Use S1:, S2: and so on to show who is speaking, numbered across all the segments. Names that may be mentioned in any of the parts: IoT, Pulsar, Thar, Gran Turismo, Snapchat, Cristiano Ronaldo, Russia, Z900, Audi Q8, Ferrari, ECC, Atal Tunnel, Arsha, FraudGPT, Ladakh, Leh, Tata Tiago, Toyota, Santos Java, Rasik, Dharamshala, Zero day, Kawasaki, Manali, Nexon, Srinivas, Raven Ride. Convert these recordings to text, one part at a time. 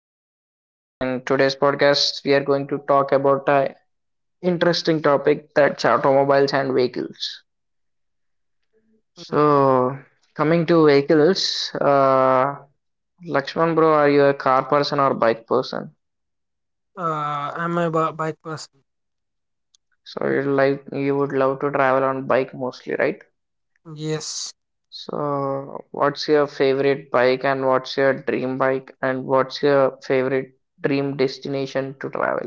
S1: Podcast. In today's podcast, we are going to talk about an interesting topic, that's automobiles and vehicles.
S2: Mm, Yes,
S1: So, coming to vehicles, Lakshman bro, are you a car person or bike person?
S2: I'm a bike person.
S1: So, you like you would love to travel on bike mostly, right?
S2: Yes,
S1: So, what's your favorite bike, and what's your dream bike, and what's your favorite dream destination to travel?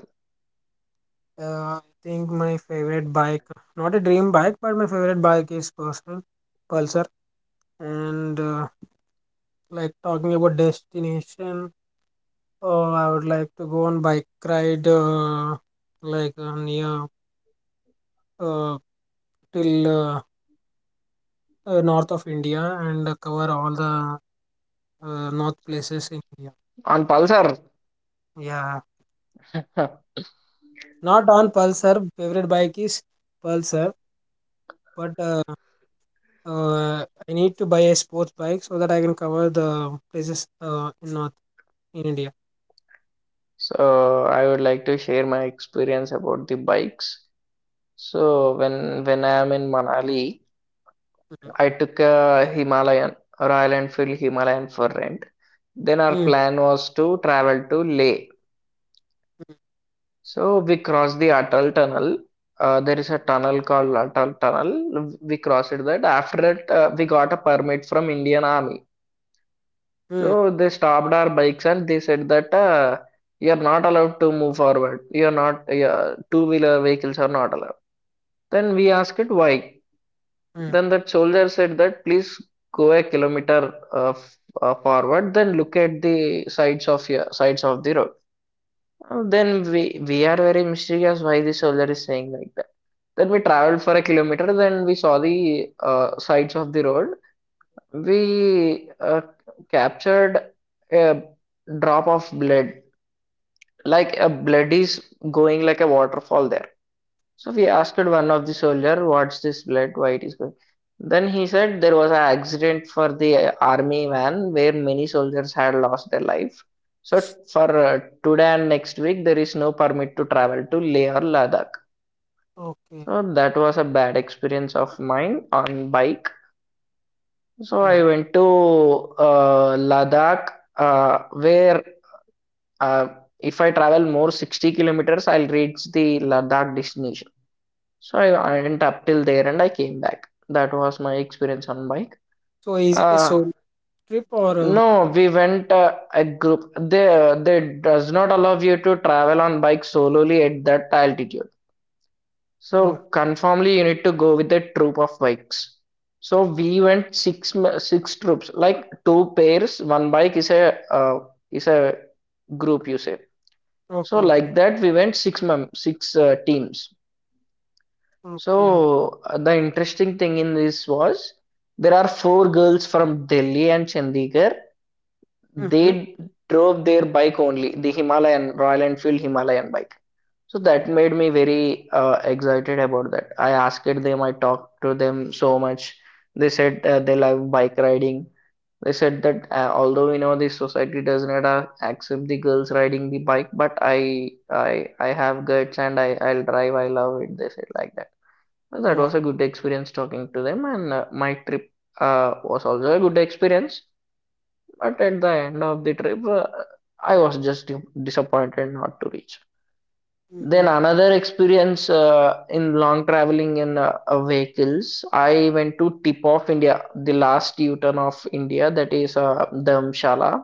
S2: I think my favorite bike, not a dream bike, but my favorite bike is Pulsar. Pulsar, and like talking about destination, oh, I would like to go on bike ride, like near uh, till north of India and cover all the north places in India.
S1: On Pulsar.
S2: Yeah, not on Pulsar. Favorite bike is Pulsar, but I need to buy a sports bike so that I can cover the places in North in India.
S1: So I would like to share my experience about the bikes. So when I'm in Manali, I took a Himalayan Royal Enfield Himalayan for rent. Then our
S2: Mm, mm,
S1: plan was to travel to Leh. So we crossed the Atal Tunnel. There is a tunnel called Atal Tunnel. We crossed that. After that, we got a permit from Indian Army.
S2: hmm, mm,
S1: So they stopped our bikes and they said that, you are not allowed to move forward. You are not, two wheeler vehicles are not allowed. Then we asked it why.
S2: mm.
S1: Then that soldier said that please go a kilometer forward, then look at the sides of your sides of the road. Then we are very mysterious why the soldier is saying like that. Then we traveled for a kilometer. Then we saw the sides of the road. We captured a drop of blood, like a blood is going like a waterfall there. So we asked one of the soldier, what's this blood? Why it is going? Then he said there was an accident for the army van where many soldiers had lost their life. So for today and next week there is no permit to travel to Leh or Ladakh.
S2: Okay.
S1: So that was a bad experience of mine on bike. So
S2: Mhm.
S1: I went to Ladakh where Uh, if I travel more 60 kilometers, I'll reach the Ladakh destination. So I went up till there and I came back. That was my experience on bike.
S2: So is it a
S1: Uh,
S2: solo trip or?
S1: no, we went a group. They does not allow you to travel on bike solely at that altitude. So
S2: Oh,
S1: conformly, you need to go with a troop of bikes. So we went six troops, like two pairs. One bike is a uh, is a group you say.
S2: okay,
S1: So
S2: okay,
S1: like that, we went six teams.
S2: okay.
S1: So the interesting thing in this was there are four girls from Delhi and Chandigarh.
S2: Mm-hmm.
S1: They drove their bike only, the Himalayan Royal Enfield Himalayan bike. So that made me very excited about that. I asked them, I talked to them so much. They said they love bike riding. They said that, although you know this society does not accept the girls riding the bike, but I have guts and I'll drive. I love it. They said like that. So that
S2: Wow.
S1: was a good experience talking to them, and my trip was also a good experience. But at the end of the trip, I was just disappointed not to reach.
S2: Mm-hmm.
S1: Then another experience in long traveling in vehicles. I went to tip of India, the last U-turn of India, that is Dharamshala.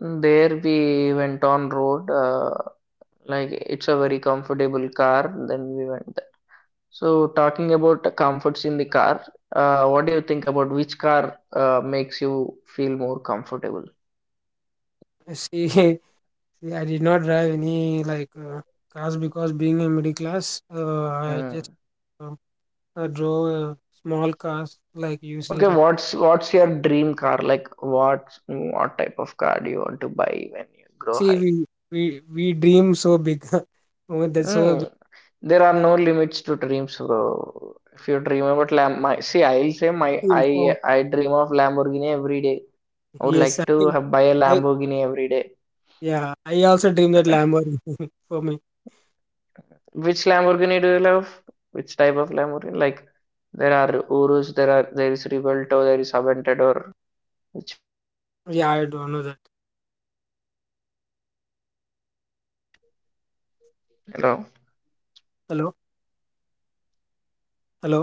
S1: There we went on road, like it's a very comfortable car. Then we went there. So talking about the comforts in the car, what do you think about which car makes you feel more comfortable?
S2: I see. See, I did not drive any like cars because being a middle class, I just
S1: Mm.
S2: um, drove small cars like you see.
S1: Okay,
S2: Like
S1: what's your dream car? Like what type of car do you want to buy when you grow
S2: see,
S1: high?
S2: we dream so big. Oh, that's so
S1: Mm. There are no limits to dreams, bro. If you dream about Lam, my see, I'll say my
S2: info.
S1: I dream of Lamborghini every day. I would
S2: Yes, I
S1: like to
S2: think
S1: ha buy a
S2: I
S1: Lamborghini every day.
S2: yeah, I also dream that Lamborghini for me.
S1: Which Lamborghini do you love? Which type of Lamborghini? Like there are Urus, there is Rivolto, there is Aventador. Which.
S2: Yeah, I don't know that.
S1: Hello.
S2: Hello hello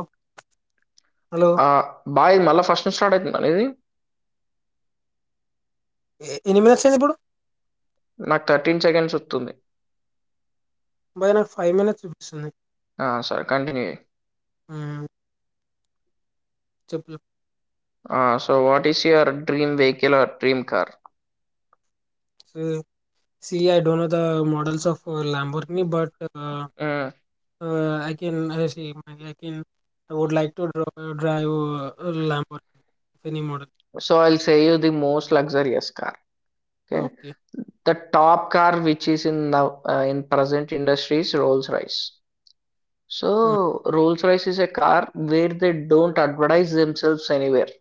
S2: hello
S1: ఆ! బాయ్ మళ్ళా first నుంచి start అయితుందా నీది?
S2: ఎ- ఎన్ని minutes అయింది ఇప్పుడు
S1: నాకు 13 సెకండ్స్ వస్తుంది.
S2: బాయ్ నాకు ఫైవ్ మినిట్స్ చూపిస్తుంది
S1: ఆ! సరే కంటిన్యూ చెయ్.
S2: మ్మ్. చెప్పు
S1: ఆ! So what is your dream vehicle or dream car?
S2: See I don't know the models of Lamborghini but
S1: hmm.
S2: I can I see I can I would like to drive Lamborghini any model
S1: so I will say you the most luxurious car. Okay.
S2: Okay
S1: the top car which is in now ah, in present industry is Rolls Royce. So Rolls Royce is a car where they don't advertise themselves anywhere.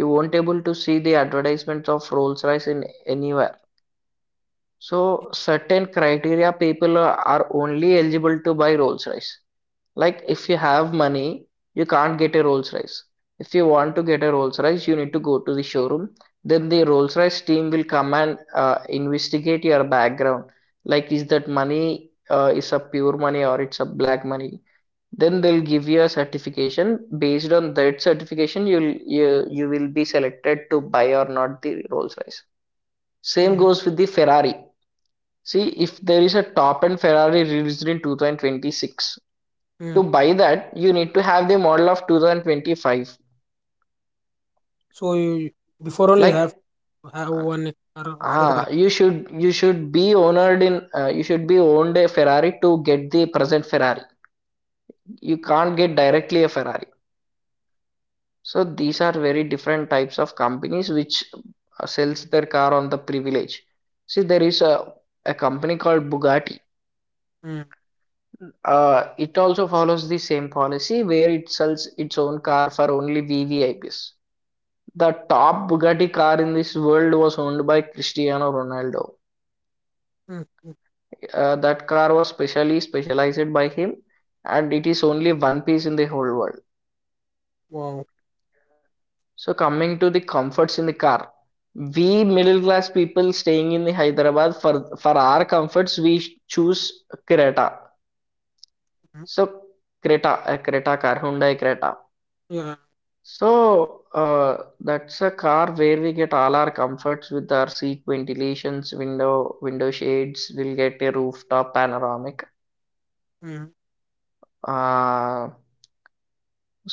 S1: You won't able to see the advertisements of Rolls Royce in anywhere. So certain criteria people are only eligible to buy Rolls Royce. Like if you have money, you can't get a Rolls Royce. If you want to get a Rolls Royce, you need to go to the showroom. Then the Rolls Royce team will come and investigate your background. Like is that money is a pure money or it's a black money? Then they'll give you a certification. Based on that certification, you will be selected to buy or not the Rolls Royce. Same goes with the Ferrari. See if there is a top-end Ferrari released in 2026. To buy that, you need to have the model of 2025.
S2: So before only have
S1: Like,
S2: have one car of
S1: ah,
S2: Ferrari
S1: you should be owned in you should be owned a Ferrari to get the present Ferrari. You can't get directly a Ferrari. So these are very different types of companies which sells their car on the privilege. See, there is a company called Bugatti. It also follows the same policy where it sells its own car for only VVIPs. The top Bugatti car in this world was owned by Cristiano Ronaldo. That car was specially specialized by him and it is only one piece in the whole world.
S2: Wow.
S1: So, coming to the comforts in the car, we middle class people staying in the Hyderabad for our comforts, we choose Creta.
S2: Mm,
S1: So, Creta, a Creta car, Hyundai Creta.
S2: yeah,
S1: So that's a car where we get all our comforts with our seat ventilations, window shades. We'll get a rooftop panoramic.
S2: mm.
S1: Uh,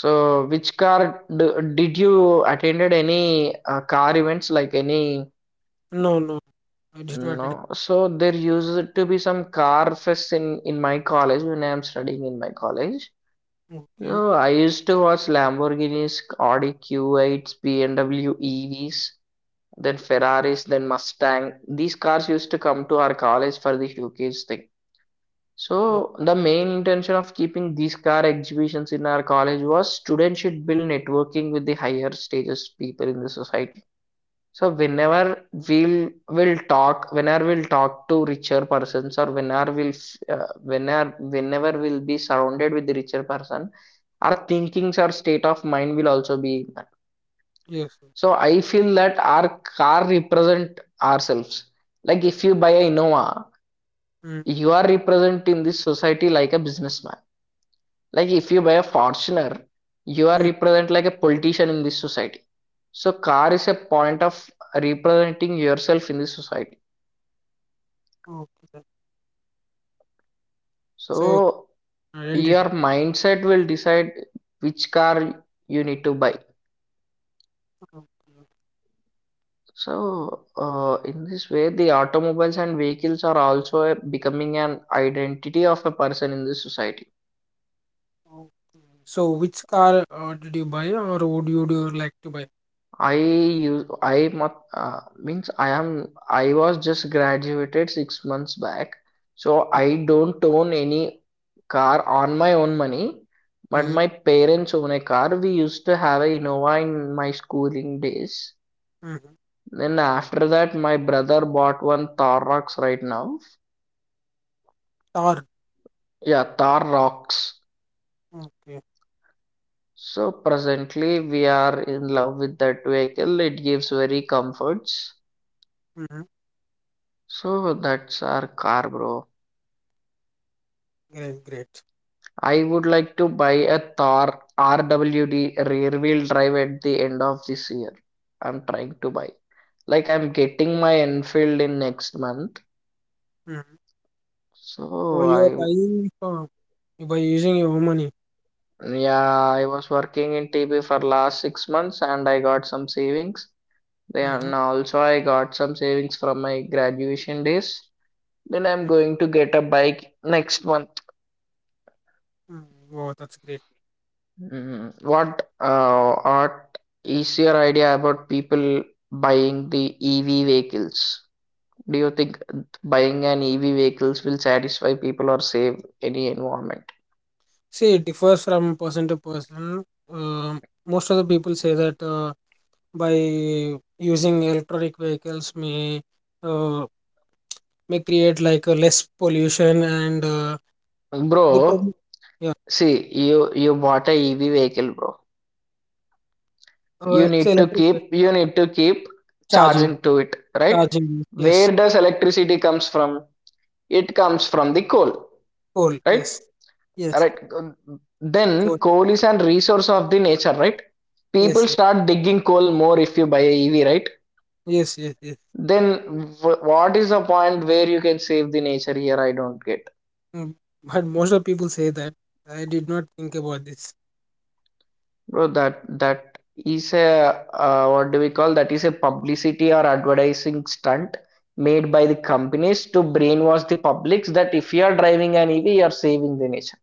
S1: so which car did you attended any car events like any?
S2: No, no, I did not. Did it.
S1: No. So there used to be some car fest in my college when I am studying in my college.
S2: Okay.
S1: So I used to watch Lamborghinis, Audi Q8s, BMW EVs, then Ferraris, then Mustang. These cars used to come to our college for the showcase thing.
S2: Wha-
S1: So the main intention of keeping these car exhibitions in our college was students should build networking with the higher stages people in the society. So whenever we'll talk to richer persons, or whenever we'll whenever we'll be surrounded with the richer person, our thinkings, our state of mind will also be.
S2: Yes. Sir.
S1: So I feel that our car represent ourselves. Like if you buy a Innova,
S2: Mm,
S1: you are represent in this society like a businessman. Like if you buy a Fortuner, you are
S2: mm.
S1: represent like a politician in this society. So car is a point of representing yourself in this society.
S2: Okay. So
S1: So your
S2: identity.
S1: mindset will decide which car you need to buy.
S2: Okay, okay.
S1: So, in this way, the automobiles and vehicles are also a, becoming an identity of a person in the society.
S2: So which car did you buy, or would you do like to buy?
S1: I use I mot- means I am I was just graduated 6 months back, so
S2: Mm,
S1: I don't own any car on my own money, but
S2: mm.
S1: my parents own a car. We used to have a Innova in my schooling days.
S2: Mm-hmm.
S1: Then after that, my brother bought one Thar Rox right now.
S2: Car.
S1: Yeah, Thar Rox.
S2: Okay.
S1: So presently we are in love with that vehicle. It gives very comforts.
S2: Mm.
S1: So that's our car, bro.
S2: Great, great.
S1: I would like to buy a Thor RWD rear wheel drive at the end of this year. I'm trying to buy. Like I'm getting my Enfield in next month.
S2: Mm. So
S1: So
S2: you are
S1: I,
S2: buying for you by using your own money.
S1: yeah, I was working in TB for last 6 months and I got some savings.
S2: Mm-hmm.
S1: Then also I got some savings from my graduation days. Then I'm going to get a bike next month.
S2: Mm, wow, that's great.
S1: Mm, what is your idea about people buying the EV vehicles? Do you think buying an EV vehicles will satisfy people or save any environment?
S2: See, it differs from person to person. Um most of the people say that. By using electronic vehicles may uh, create like less pollution and the
S1: Bro,
S2: problem, yeah.
S1: see, you bought a EV vehicle, bro. You
S2: It's
S1: need to
S2: electric
S1: keep you need to keep
S2: charging.
S1: charging to it, right?
S2: Charging,
S1: Where
S2: yes.
S1: does electricity comes from? It comes from the coal,
S2: Coal,
S1: right?
S2: yes. Yes,
S1: Right, then
S2: coal,
S1: coal is an resource of the nature, right? People
S2: yes. Yes,
S1: start digging coal more if you buy a EV, right?
S2: yes, yes, yes.
S1: Then what is the point where you can save the nature here? I don't get.
S2: Mm. But most of people say that. I did not think about this.
S1: Bro, that is a, what do we call, that is a publicity or advertising stunt made by the companies to brainwash the publics that if you are driving an EV you are saving the nature.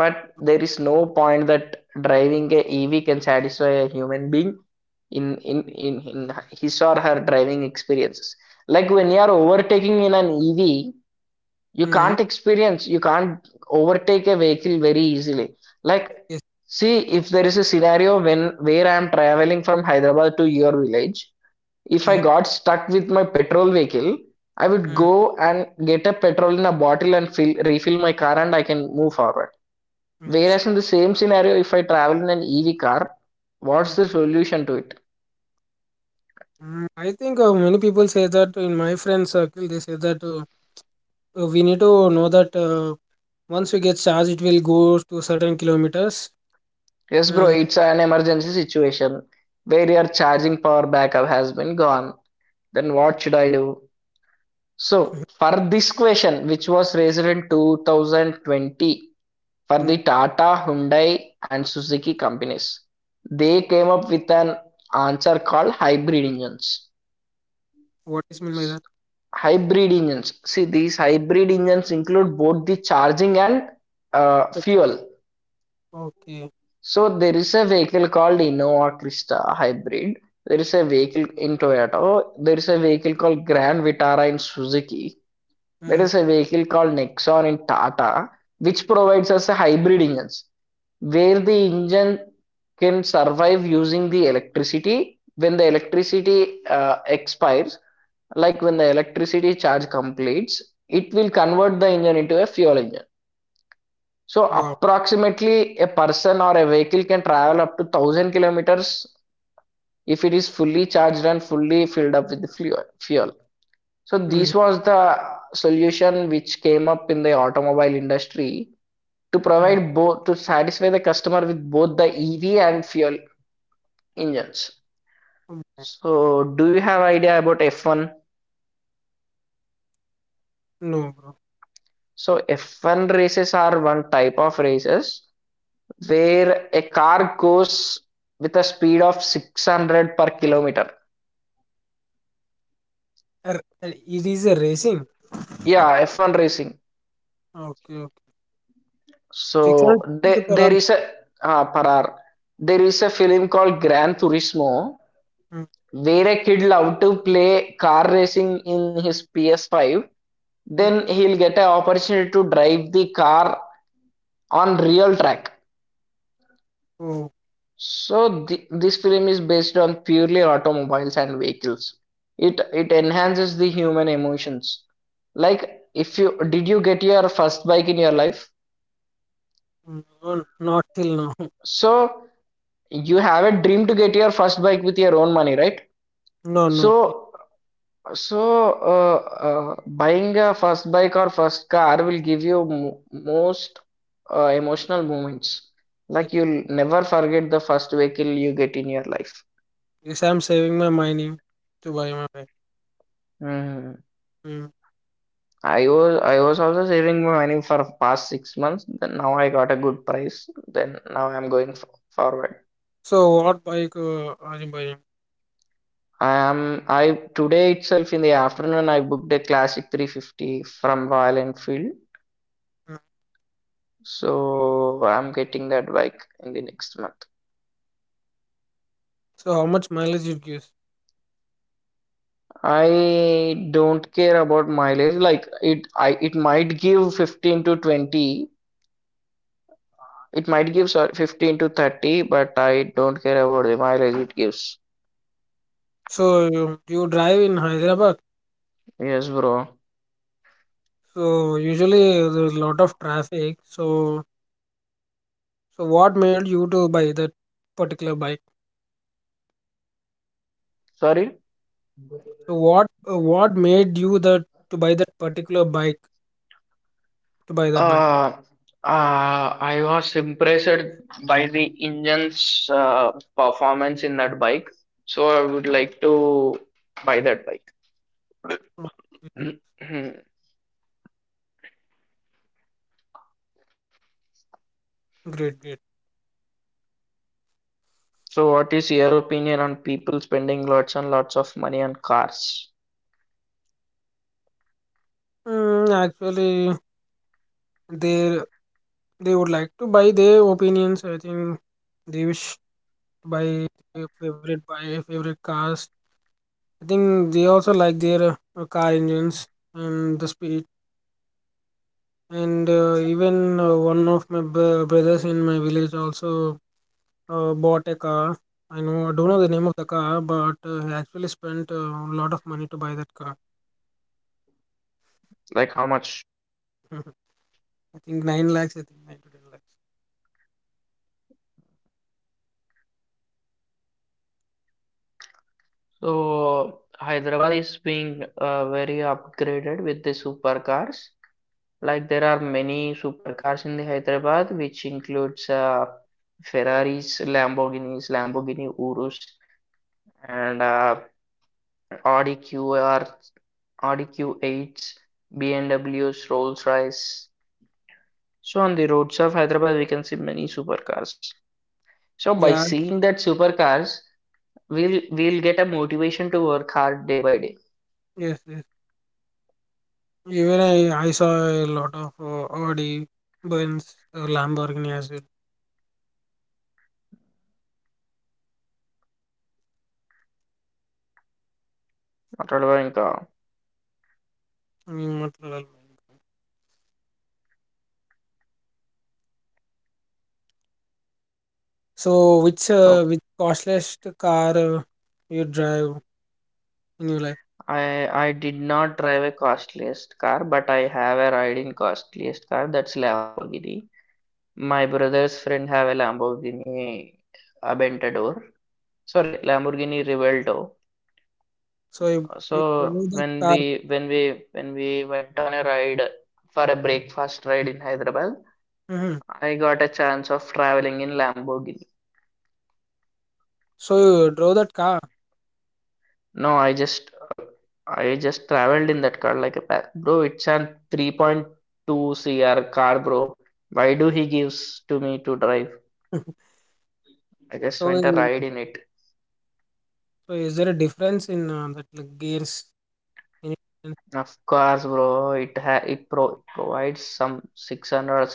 S1: But there is no point that driving a EV can satisfy a human being in his or her driving experiences. Like when you are overtaking in an EV, you
S2: Mm.
S1: can't experience, you can't overtake a vehicle very easily. Like
S2: Yes.
S1: see if there is a scenario when where I am traveling from Hyderabad to your village, if I
S2: Mm.
S1: got stuck with my petrol vehicle, I would
S2: Mm.
S1: go and get a petrol in a bottle and refill my car and I can move forward.
S2: Yes.
S1: Whereas in the same scenario, if I travel in an EV car,
S2: Mm.
S1: what's the solution to it?
S2: Mm. I think many people say that in my friend circle they say that we need to know that once you get charged it will go to certain kilometers
S1: Yes, bro,
S2: and
S1: it's an emergency situation where your charging power backup has been gone. Then what should I do? So, for this question, which was raised in 2020 for
S2: Mm,
S1: the Tata, Hyundai, and Suzuki companies, they came up with an answer called hybrid engines.
S2: what is meant by that,
S1: Hybrid engines. See, these hybrid engines include both the charging and fuel.
S2: okay?
S1: So there is a vehicle called Innova Krista hybrid. There is a vehicle in Toyota. There is a vehicle called Grand Vitara in Suzuki. There
S2: Mm,
S1: is a vehicle called Nexon in Tata, which provides us a hybrid engines where the engine can survive using the electricity when the electricity expires, like when the electricity charge completes, it will convert the engine into a fuel engine. So
S2: wow.
S1: approximately a person or a vehicle can travel up to 1,000 kilometers if it is fully charged and fully filled up with the fuel. So
S2: Mm,
S1: this was the solution which came up in the automobile industry to
S2: mm,
S1: provide both to satisfy the customer with both the EV and fuel engines.
S2: mm.
S1: So do you have idea about F1?
S2: No, bro.
S1: So F1 races are one type of races where a car goes with a speed of 600 per kilometer.
S2: Ar- uh, it is a racing,
S1: Yeah, F1 racing.
S2: okay, okay. 600
S1: So
S2: kilometer
S1: there,
S2: per
S1: there
S2: hour.
S1: is a per hour. There is a film called Gran Turismo
S2: Mm,
S1: where a kid love to play car racing in his PS5.
S2: mm.
S1: Then he'll get an opportunity to drive the car on real track.
S2: Oh.
S1: So th this film is based on purely automobiles and vehicles. It enhances the human emotions. Like if you did you get your first bike in your life?
S2: Mm, no, not till now.
S1: So you have a dream to get your first bike with your own money, right?
S2: No, no,
S1: So so uh, Buying a first bike or first car will give you mo most emotional moments.
S2: yes,
S1: Like you'll never forget the first vehicle you get in your life.
S2: yes, I'm saving my money to buy my bike.
S1: Mhm.
S2: Mm.
S1: I was also saving my money for past 6 months. Then now I got a good price. Then now I'm going f forward.
S2: So what bike are you buying?
S1: I am I Today itself in the afternoon I booked a Classic 350 from Royal Enfield.
S2: Mm.
S1: So I'm getting that bike in the next month.
S2: So how much mileage it gives?
S1: I don't care about mileage. It might give 15 to 20. It might give sorry 15 to 30, but I don't care about the mileage it gives.
S2: So you, do you drive in Hyderabad?
S1: Yes, bro.
S2: So usually there's a lot of traffic. So what made you to buy that particular bike?
S1: Sorry.
S2: So what made you that to buy that particular bike to buy that bike?
S1: Uh, I was impressed by the engine's performance in that bike, so I would like to buy that bike.
S2: Okay. Great, great.
S1: So, what is your opinion on people spending lots and lots of money on cars?
S2: Mm, actually, they they would like to buy their opinions. I think they wish to buy their favorite buy favorite cars. I think they also like their car engines and the speed. And even one of my brothers in my village also bought a car. I know, I don't know the name of the car, but he actually spent a lot of money to buy that car.
S1: Like, how much?
S2: I think 9 lakhs, I think 9 to 10 lakhs.
S1: So, Hyderabad is being very upgraded with the supercars. Like there are many supercars in the Hyderabad, which includes Ferraris, Lamborghinis, Lamborghini Urus, and Audi QR, Audi Q8s, BMWs, Rolls-Royce. So on the roads of Hyderabad, we can see many supercars. So by
S2: Yeah,
S1: seeing that supercars, we'll get a motivation to work hard day by day.
S2: yes, yes. Even I saw a lot of Audi, Benz, Lamborghini as well.
S1: అట్లా
S2: Mm, what the so,
S1: ఇంకా
S2: which costliest car you drive in your life?
S1: I did not drive a costliest car, but I have a ride in costliest car. That's Lamborghini. My brother's friend have a Lamborghini Aventador. Sorry, Lamborghini Revuelto.
S2: So, you drove
S1: So
S2: that
S1: when
S2: car.
S1: we when we when we went on a ride for a breakfast ride in Hyderabad,
S2: Hmm.
S1: I got a chance of traveling in Lamborghini.
S2: So, you drove that car.
S1: No, I just traveled in that car like a pa bro. It's a 3.2 CR car, bro. Why do he gives to me to drive? I just
S2: So,
S1: went a ride in it.
S2: is there a difference in that like gears
S1: Of
S2: in
S1: course,
S2: in,
S1: bro. It ha it pro it provides some 600 or 700 torque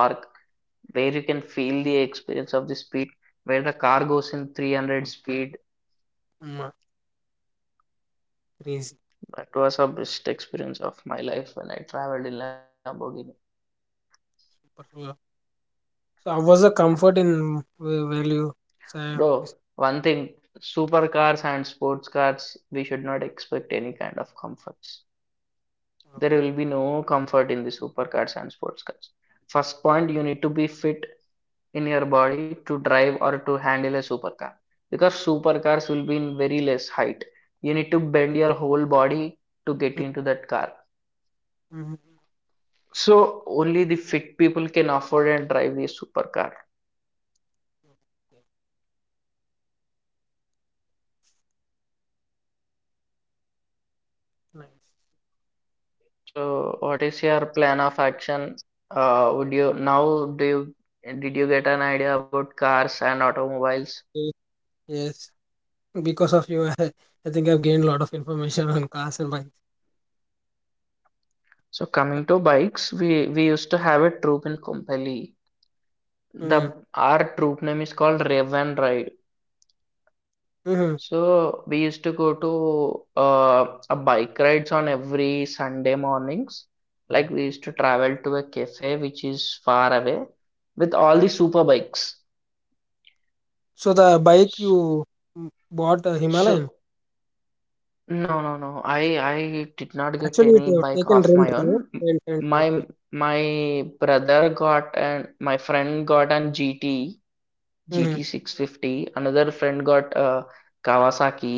S1: where you can feel the experience of the speed where the car goes in 300 speed.
S2: um, uh, crazy
S1: That was a best experience of my life when I traveled in Lamborghini.
S2: super slow? So how was the comfort in, where you say?
S1: Bro, one thing, supercars and sports cars, we should not expect any kind of comforts. There will be no comfort in the supercars and sports cars. First point, you need to be fit in your body to drive or to handle a supercar because supercars will be in very less height. You need to bend your whole body to get into that car.
S2: Mhm.
S1: So only the fit people can afford and drive the supercar.
S2: Nice.
S1: So, what is your plan of action? Would you now do you Did you get an idea about cars and automobiles?
S2: Yes, yes, because of you, I think I've gained a lot of information on cars and bikes.
S1: So, coming to bikes, we used to have a troop in Kompally.
S2: Mm.
S1: The our troop name is called Raven Ride.
S2: Hmm.
S1: So, we used to go to a bike rides on every Sunday mornings. Like we used to travel to a cafe which is far away with all the super bikes.
S2: So the bike
S1: So,
S2: you, bought a Himalayan.
S1: so No, no, no. I did not get
S2: Actually, it
S1: any
S2: have
S1: bike
S2: taken
S1: of my
S2: rent
S1: own.
S2: review.
S1: M-
S2: Rent, rent,
S1: My
S2: okay.
S1: my brother got and my friend got an GT
S2: Mm-hmm.
S1: GT 650. Another friend got a Kawasaki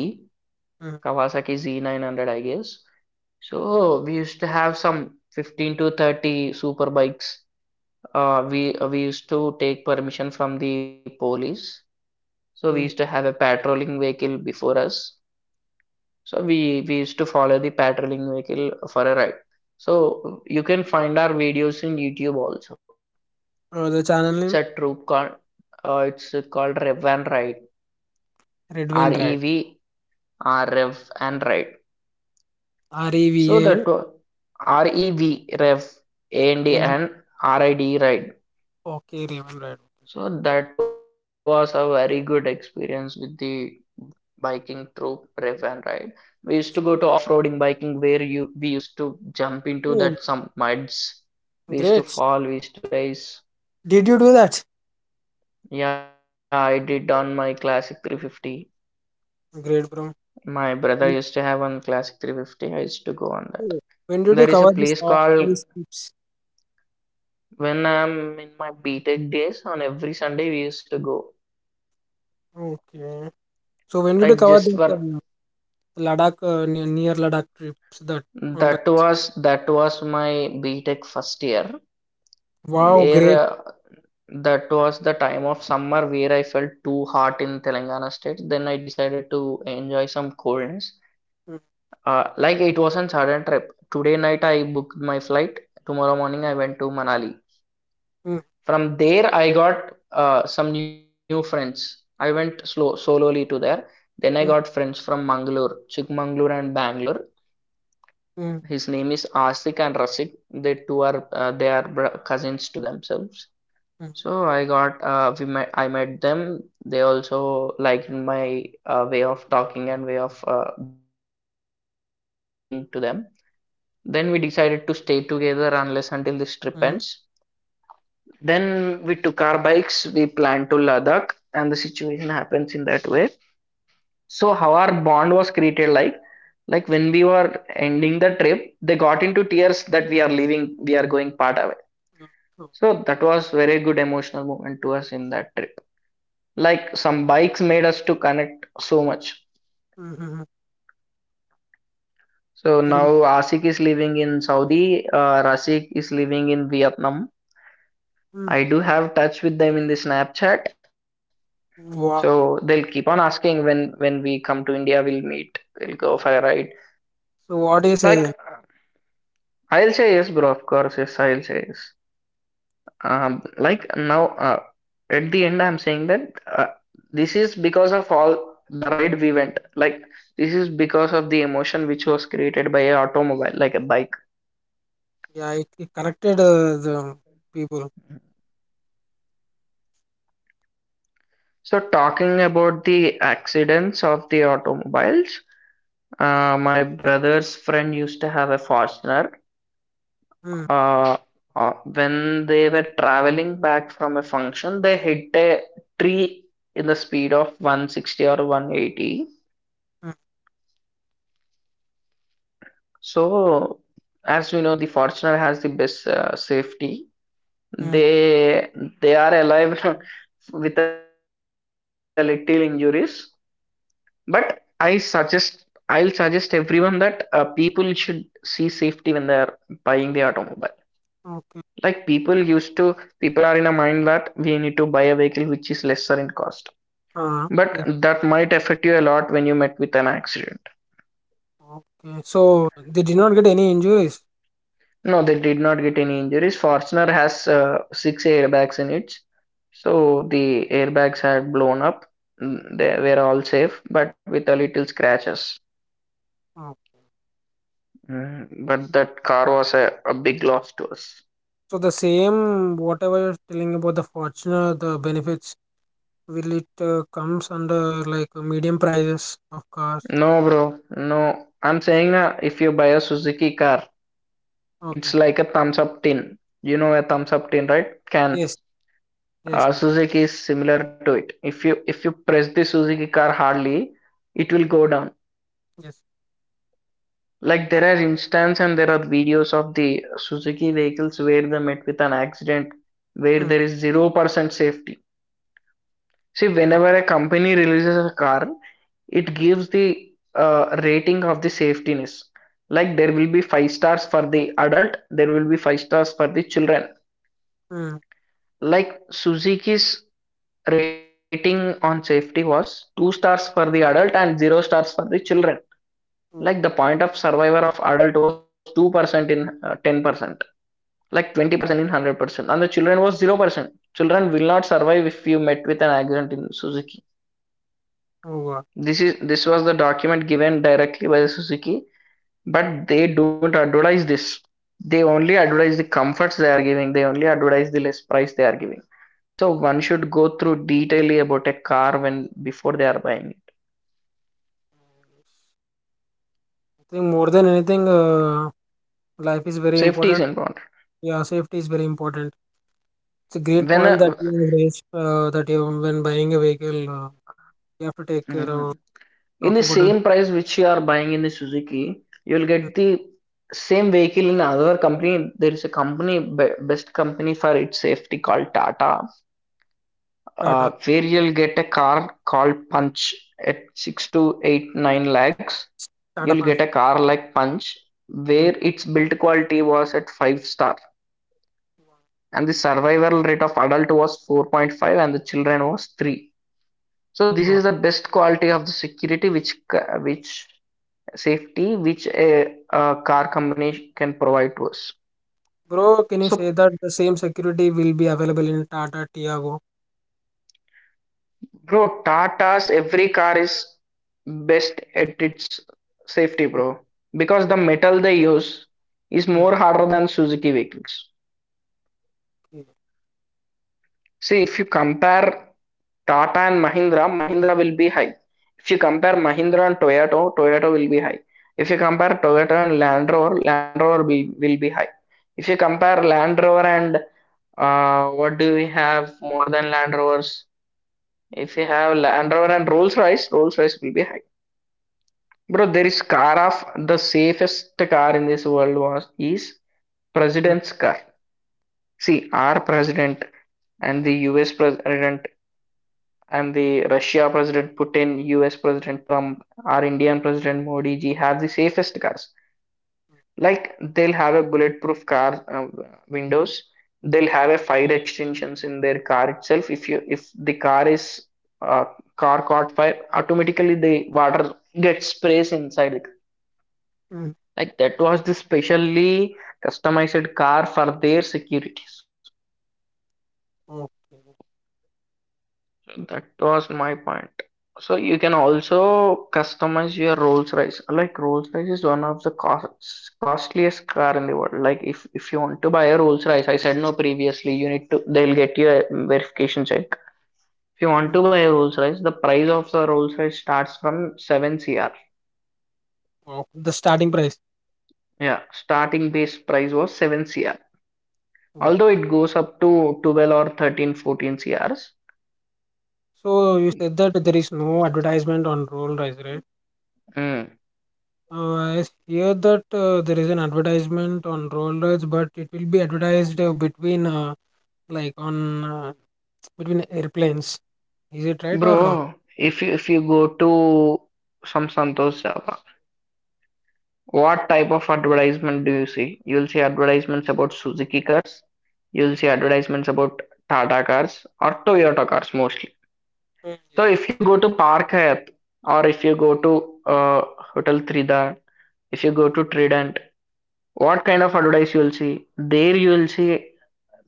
S1: Kawasaki Z900, I guess. So we used to have some 15 to 30 super bikes. We used to take permission from the police. So we used
S2: Mm-hmm.
S1: to have a patrolling vehicle before us. So we used to follow the patrolling vehicle for a ride. So you can find our videos in YouTube also.
S2: The
S1: It's
S2: channel
S1: a
S2: name
S1: troop called it's called Rev and Ride. R
S2: Redvan
S1: E
S2: Ride.
S1: V R Rev and Ride.
S2: R E V
S1: So
S2: A
S1: that R E V Rev A N D
S2: N
S1: and RID Ride.
S2: Okay, Raven Red.
S1: So that was a very good experience with the biking through Rev and Ride. We used to go to off-roading biking where you we used to
S2: Yeah.
S1: jump into that some muds.
S2: Great.
S1: We used to fall, we used to race.
S2: Did you do that?
S1: Yeah, I did on my classic 350.
S2: Great, bro.
S1: My brother used to have one classic 350. I used that.
S2: Okay. When did
S1: There
S2: you
S1: is a
S2: cover
S1: place
S2: this? All
S1: called
S2: these tips.
S1: when I'm in my B Tech days on every Sunday we used to go.
S2: Okay. So when did you
S1: Like
S2: cover
S1: just
S2: that
S1: for
S2: Ladakh near Ladakh trips that on bike?
S1: That was my B Tech first year
S2: Wow,
S1: where
S2: great.
S1: that was the time of summer where I felt too hot in Telangana state. Then I decided to enjoy some coolness. Like it was a sudden trip. Today night I booked my flight. Tomorrow morning I went to Manali.
S2: Mm,
S1: From there I got some new friends. I went slow solely to there. Then I got
S2: mm,
S1: friends from Mangalore, Chikmagalur and Bangalore.
S2: mm,
S1: His name is Asik and Rasik. They are cousins to themselves.
S2: mm,
S1: So I got we met I met them. They also liked my way of talking and way of being to them. Then we decided to stay together unless until this trip ends.
S2: mm,
S1: Then we took our bikes. We planned to Ladakh, and the situation happens in that way. So how our bond was created, like when we were ending the trip, they got into tears that we are leaving, we are going part away.
S2: mm. So,
S1: So that was very good emotional moment to us in that trip. Like some bikes made us to connect so much.
S2: mm, mm, mm.
S1: So
S2: Think-
S1: now Asik is living in Saudi, Rasik is living in Vietnam.
S2: mm, mm.
S1: I do have touch with them in the Snapchat. So
S2: Wow.
S1: they'll keep on asking when we come to India, we'll meet, we'll go for a ride.
S2: So what do you say
S1: Like
S2: then?
S1: I'll say yes, bro. Of course, yes, I'll say yes. Like now At the end I'm saying that uh, this is because of all the ride we went, like this is because of the emotion which was created by a automobile like a bike.
S2: Yeah, it connected the people.
S1: So talking about the accidents of the automobiles, my brother's friend used to have a Fortuner.
S2: Mm,
S1: Uh, when they were traveling back from a function, they hit a tree in the speed of 160 or 180.
S2: mm,
S1: So, as we know, the Fortuner has the best safety.
S2: mm.
S1: They they are alive with a little injuries, but I'll suggest everyone that people should see safety when they're buying the automobile. Like
S2: Okay.
S1: people are in a mind that we need to buy a vehicle which is lesser in cost,
S2: Uh,
S1: but
S2: yes.
S1: that might affect you a lot when you met with an accident.
S2: Okay. So they did not get any injuries.
S1: No, they did not get any injuries. Fortuner has six airbags in it, so the airbags had blown up. Mm, they were all safe, but with a little scratches. Mm, but that car was a big loss to us.
S2: So the same, whatever you're telling about the Fortuner, the benefits, will it comes under like medium prices of cars?
S1: No, bro, no. I'm saying na, if you buy a Suzuki car,
S2: Okay.
S1: it's like a thumbs up tin. You know a thumbs up tin, right? Can
S2: Yes. Yes. Yes.
S1: Suzuki is similar to it. If you press the Suzuki car hardly, it will go down.
S2: Yes.
S1: Like there are instances and there are videos of the Suzuki vehicles where they met with an accident where
S2: Mm.
S1: there is 0% safety. See,
S2: Mm,
S1: whenever a company releases a car, it gives the rating of the safetiness. Like there will be 5 stars for the adult, there will be 5 stars for the children.
S2: mm.
S1: Like Suzuki's rating on safety was 2 stars for the adult and 0 stars for the children. Like the point of survivor of adult was 2% in 10%. Like 20% in 100% and the children was 0%. Children will not survive if you met with an accident in Suzuki.
S2: Oh God.
S1: This was the document given directly by the Suzuki, but they don't advertise this. They only advertise the comforts they are giving, they only advertise the less price they are giving. So one should go through detailedly about a car when before they are buying it.
S2: I think more than anything, life is very
S1: Safety is
S2: important.
S1: important.
S2: Yeah, safety is very important. It's a great
S1: when
S2: point
S1: a,
S2: that you have raised. That you, when buying a vehicle, you have to take care of,
S1: Mhm. In
S2: talk
S1: the
S2: about it.
S1: same price which you are buying in the Suzuki, you'll
S2: Mm,
S1: get the same vehicle in another company. There is a company, best company for its safety called Tata,
S2: Tata,
S1: where you'll get a car called Punch at 6 to 8 9 lakhs.
S2: Tata
S1: You'll get
S2: Punch.
S1: a car like Punch,
S2: Mm.
S1: where its build quality was at 5 star, and the survival rate of adult was 4.5, and the children was 3. So this
S2: Oh.
S1: is the best quality of the security which safety which a car company can provide to us.
S2: Bro, can you say
S1: So,
S2: that the same security will be available in Tata Tiago?
S1: bro, Tata's every car is best at its safety,
S2: Mm,
S1: bro, because the metal they use is
S2: mm,
S1: more harder than Suzuki vehicles. See, if you compare Tata and Mahindra, Mahindra will be high. If you compare Mahindra and Toyota, Toyota will be high. If you compare Toyota and Land Rover, Land Rover will be high. If you compare Land Rover and what do we have more than Land Rovers? If you have Land Rover and Rolls Royce, Rolls Royce will be high. Bro, there is car of the safest car in this world was is
S2: mm,
S1: president's car. See, our president and the US president and the Russia President Putin, US President Trump, our Indian President Modi ji have the safest cars. Like they'll have a bulletproof car windows. They'll have a fire extensions in their car itself. If the uh, car caught fire, automatically the water gets sprays inside it.
S2: mm.
S1: Like that was the specially customized car for their securities.
S2: Wow,
S1: That was my point. So you can also customize your Rolls-Royce. Like Rolls-Royce is one of the costliest car in the world. Like if you want to buy a Rolls-Royce, I said no previously, you need to they'll get you a verification check. If you want
S2: mm,
S1: to buy a Rolls-Royce, the price of the Rolls-Royce starts from 7 CR.
S2: wow. The starting price.
S1: Yeah, starting base price was 7 CR.
S2: Wow.
S1: Although it goes up to 12 or 13, fourteen 14 CRs.
S2: So you said that there is no advertisement on roll rice, right?
S1: Mm.
S2: I hear that there is an advertisement on roll rice, but it will be advertised between like on between airplanes. Is it right or wrong?
S1: Bro, if you go to some Santos Java, what type of advertisement do you see? You'll see advertisements about Suzuki cars, you'll see advertisements about Tata cars or Toyota cars mostly.
S2: Mm, yes.
S1: So if you go to Park Hyatt or if you go to Hotel Trident, if you go to Trident, what kind of advertise you'll see? There you'll see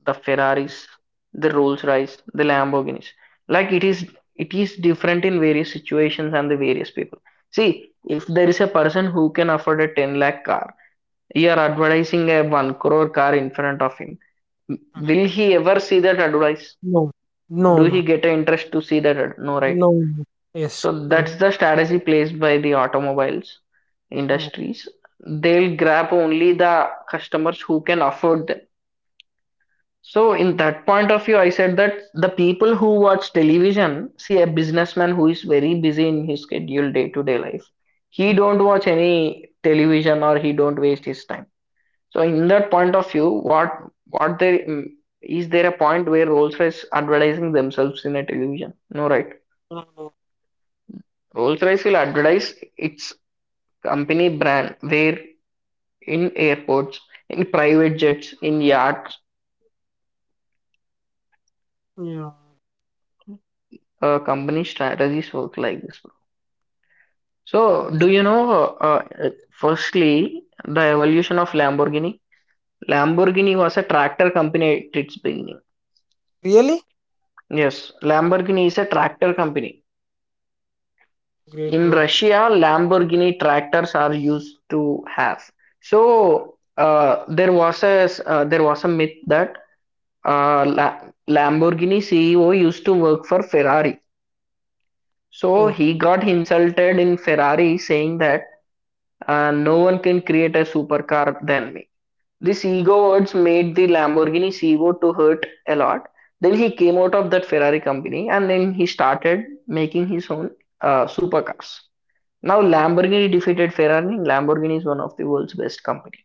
S1: the Ferraris, the Rolls Royce, the Lamborghinis. Like it is different in various situations and the various people. See, if there is a person who can afford a 10 lakh car, you are advertising a 1 crore car in front of him.
S2: Mhm.
S1: Will he ever see that advertise?
S2: No, no,
S1: Do
S2: no,
S1: he get an interest to see that? No, right?
S2: no. No. Yes,
S1: So
S2: no.
S1: that's the strategy placed by the automobiles
S2: Oh,
S1: industries. They'll grab only the customers who can afford them. So in that point of view, I said that the people who watch television, see a businessman who is very busy in his scheduled day-to-day life, he
S2: mm,
S1: don't watch any television or he don't waste his time. So in that point of view, what there a point where Rolls Royce advertising themselves in a television? No, right?
S2: no, no.
S1: Rolls Royce will advertise its company brand where in airports, in private jets, in yachts.
S2: Yeah.
S1: Company strategies work like this, bro. So do you know? Uh, Firstly, the evolution of Lamborghini. Lamborghini was a tractor company at its beginning.
S2: Really?
S1: Yes, Lamborghini is a tractor company.
S2: Great,
S1: In
S2: bro.
S1: Russia, Lamborghini tractors are used to have. So there was a myth that uh, La- Lamborghini CEO used to work for Ferrari. So
S2: Oh,
S1: he got insulted in Ferrari, saying that no one can create a supercar than me. This ego words made the Lamborghini CEO to hurt a lot. Then he came out of that Ferrari company and then he started making his own supercars. Now
S2: oh,
S1: Lamborghini defeated Ferrari. Lamborghini is one of the world's best company.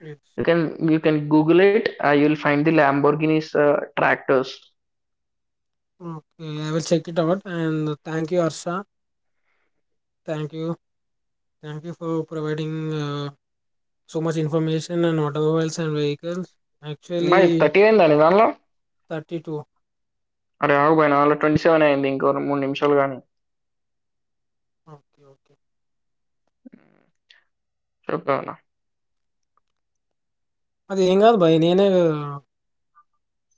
S2: yeah.
S1: You can Google it. You'll find the Lamborghini's tractors.
S2: Okay, I will check it out, and thank you, Arsha. Thank you. Thank you for providing so much information and automobiles and vehicles.
S1: బాయ్
S2: Actually,
S1: thirty అయిందండి దానిలో.
S2: 32.
S1: అరే ఆగు bye నాలో twenty seven అయింది ఇంకో రెండు మూడు నిమిషాలు కానీ
S2: ఓకే ఓకే
S1: చెప్తాను.
S2: అది ఏం కాదు భయ్ నేనే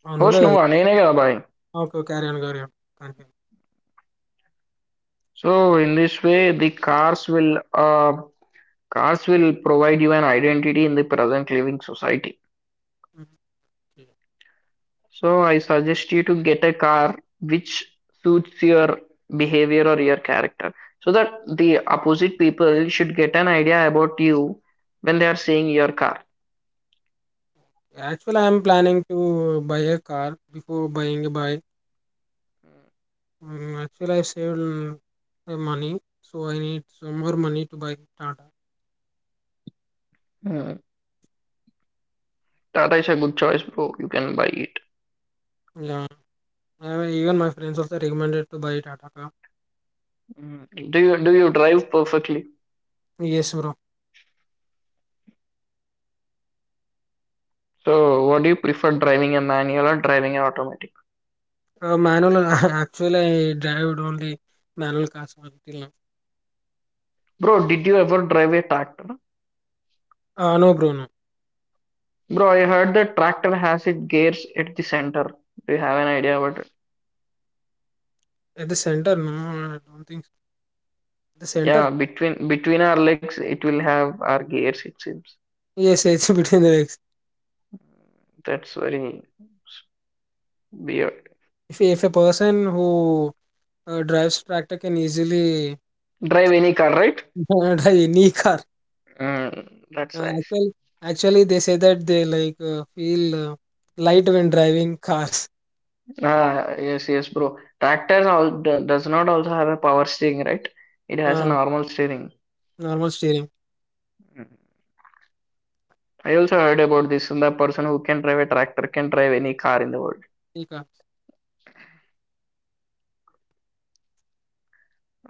S2: ఆ, నువ్వే
S1: హోస్ట్
S2: కదా
S1: నువ్వా నేనే కదా బాయ్.
S2: Okay carry on
S1: so in this way the cars. Cars will provide you an identity in the present living society. So I suggest you to get a car which suits your behavior or your character so that the opposite people should get an idea about you when they are seeing your car.
S2: Actual I'm planning to buy a car before buying buy actual I save money so I need some more money to buy Tata
S1: Hmm. Tata is a good choice, bro. You can buy it.
S2: Even my friends also recommended to buy Tata car
S1: Hmm. Do you drive perfectly?
S2: Yes bro
S1: So what do you prefer, driving a manual or driving an automatic?
S2: Manual, actually, I drive only manual cars until now.
S1: Bro, did you ever drive a tractor?
S2: No, bro, no.
S1: Bro, I heard that tractor has its gears at the center. Do you have an idea about it?
S2: At the center, no, I don't think so. The
S1: Yeah,
S2: center?
S1: between our legs, it will have our gears. It seems
S2: Yes, it's between the legs.
S1: that's very s- weird.
S2: If a person who drives tractor can easily
S1: Drive any car, right?
S2: drive any car.
S1: Mm, that's
S2: uh,
S1: nice.
S2: actually, actually, they say that they like feel light when driving cars.
S1: Ah, yes, yes, bro. Tractor all, does not also have a power steering, right? It has a
S2: uh,
S1: normal steering.
S2: Normal steering.
S1: I also heard about this. The person who can drive a tractor can drive any car in the world.
S2: Any car.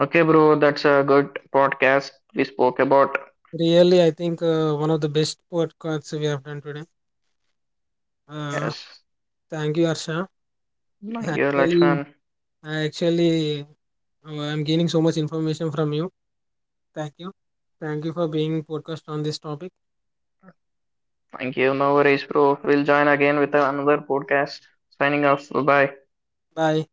S1: Okay, bro, that's a good podcast. We spoke about.
S2: Really, I think one of the best podcasts we have done today. Uh,
S1: Yes.
S2: Thank you, Arsha.
S1: Thank you,
S2: Actually,
S1: Lakshman.
S2: I actually I'm gaining so much information from you. Thank you. Thank you for being podcast on this topic.
S1: Thank you. No worries, bro. We'll join again with another podcast. Signing off. Bye bye.
S2: Bye.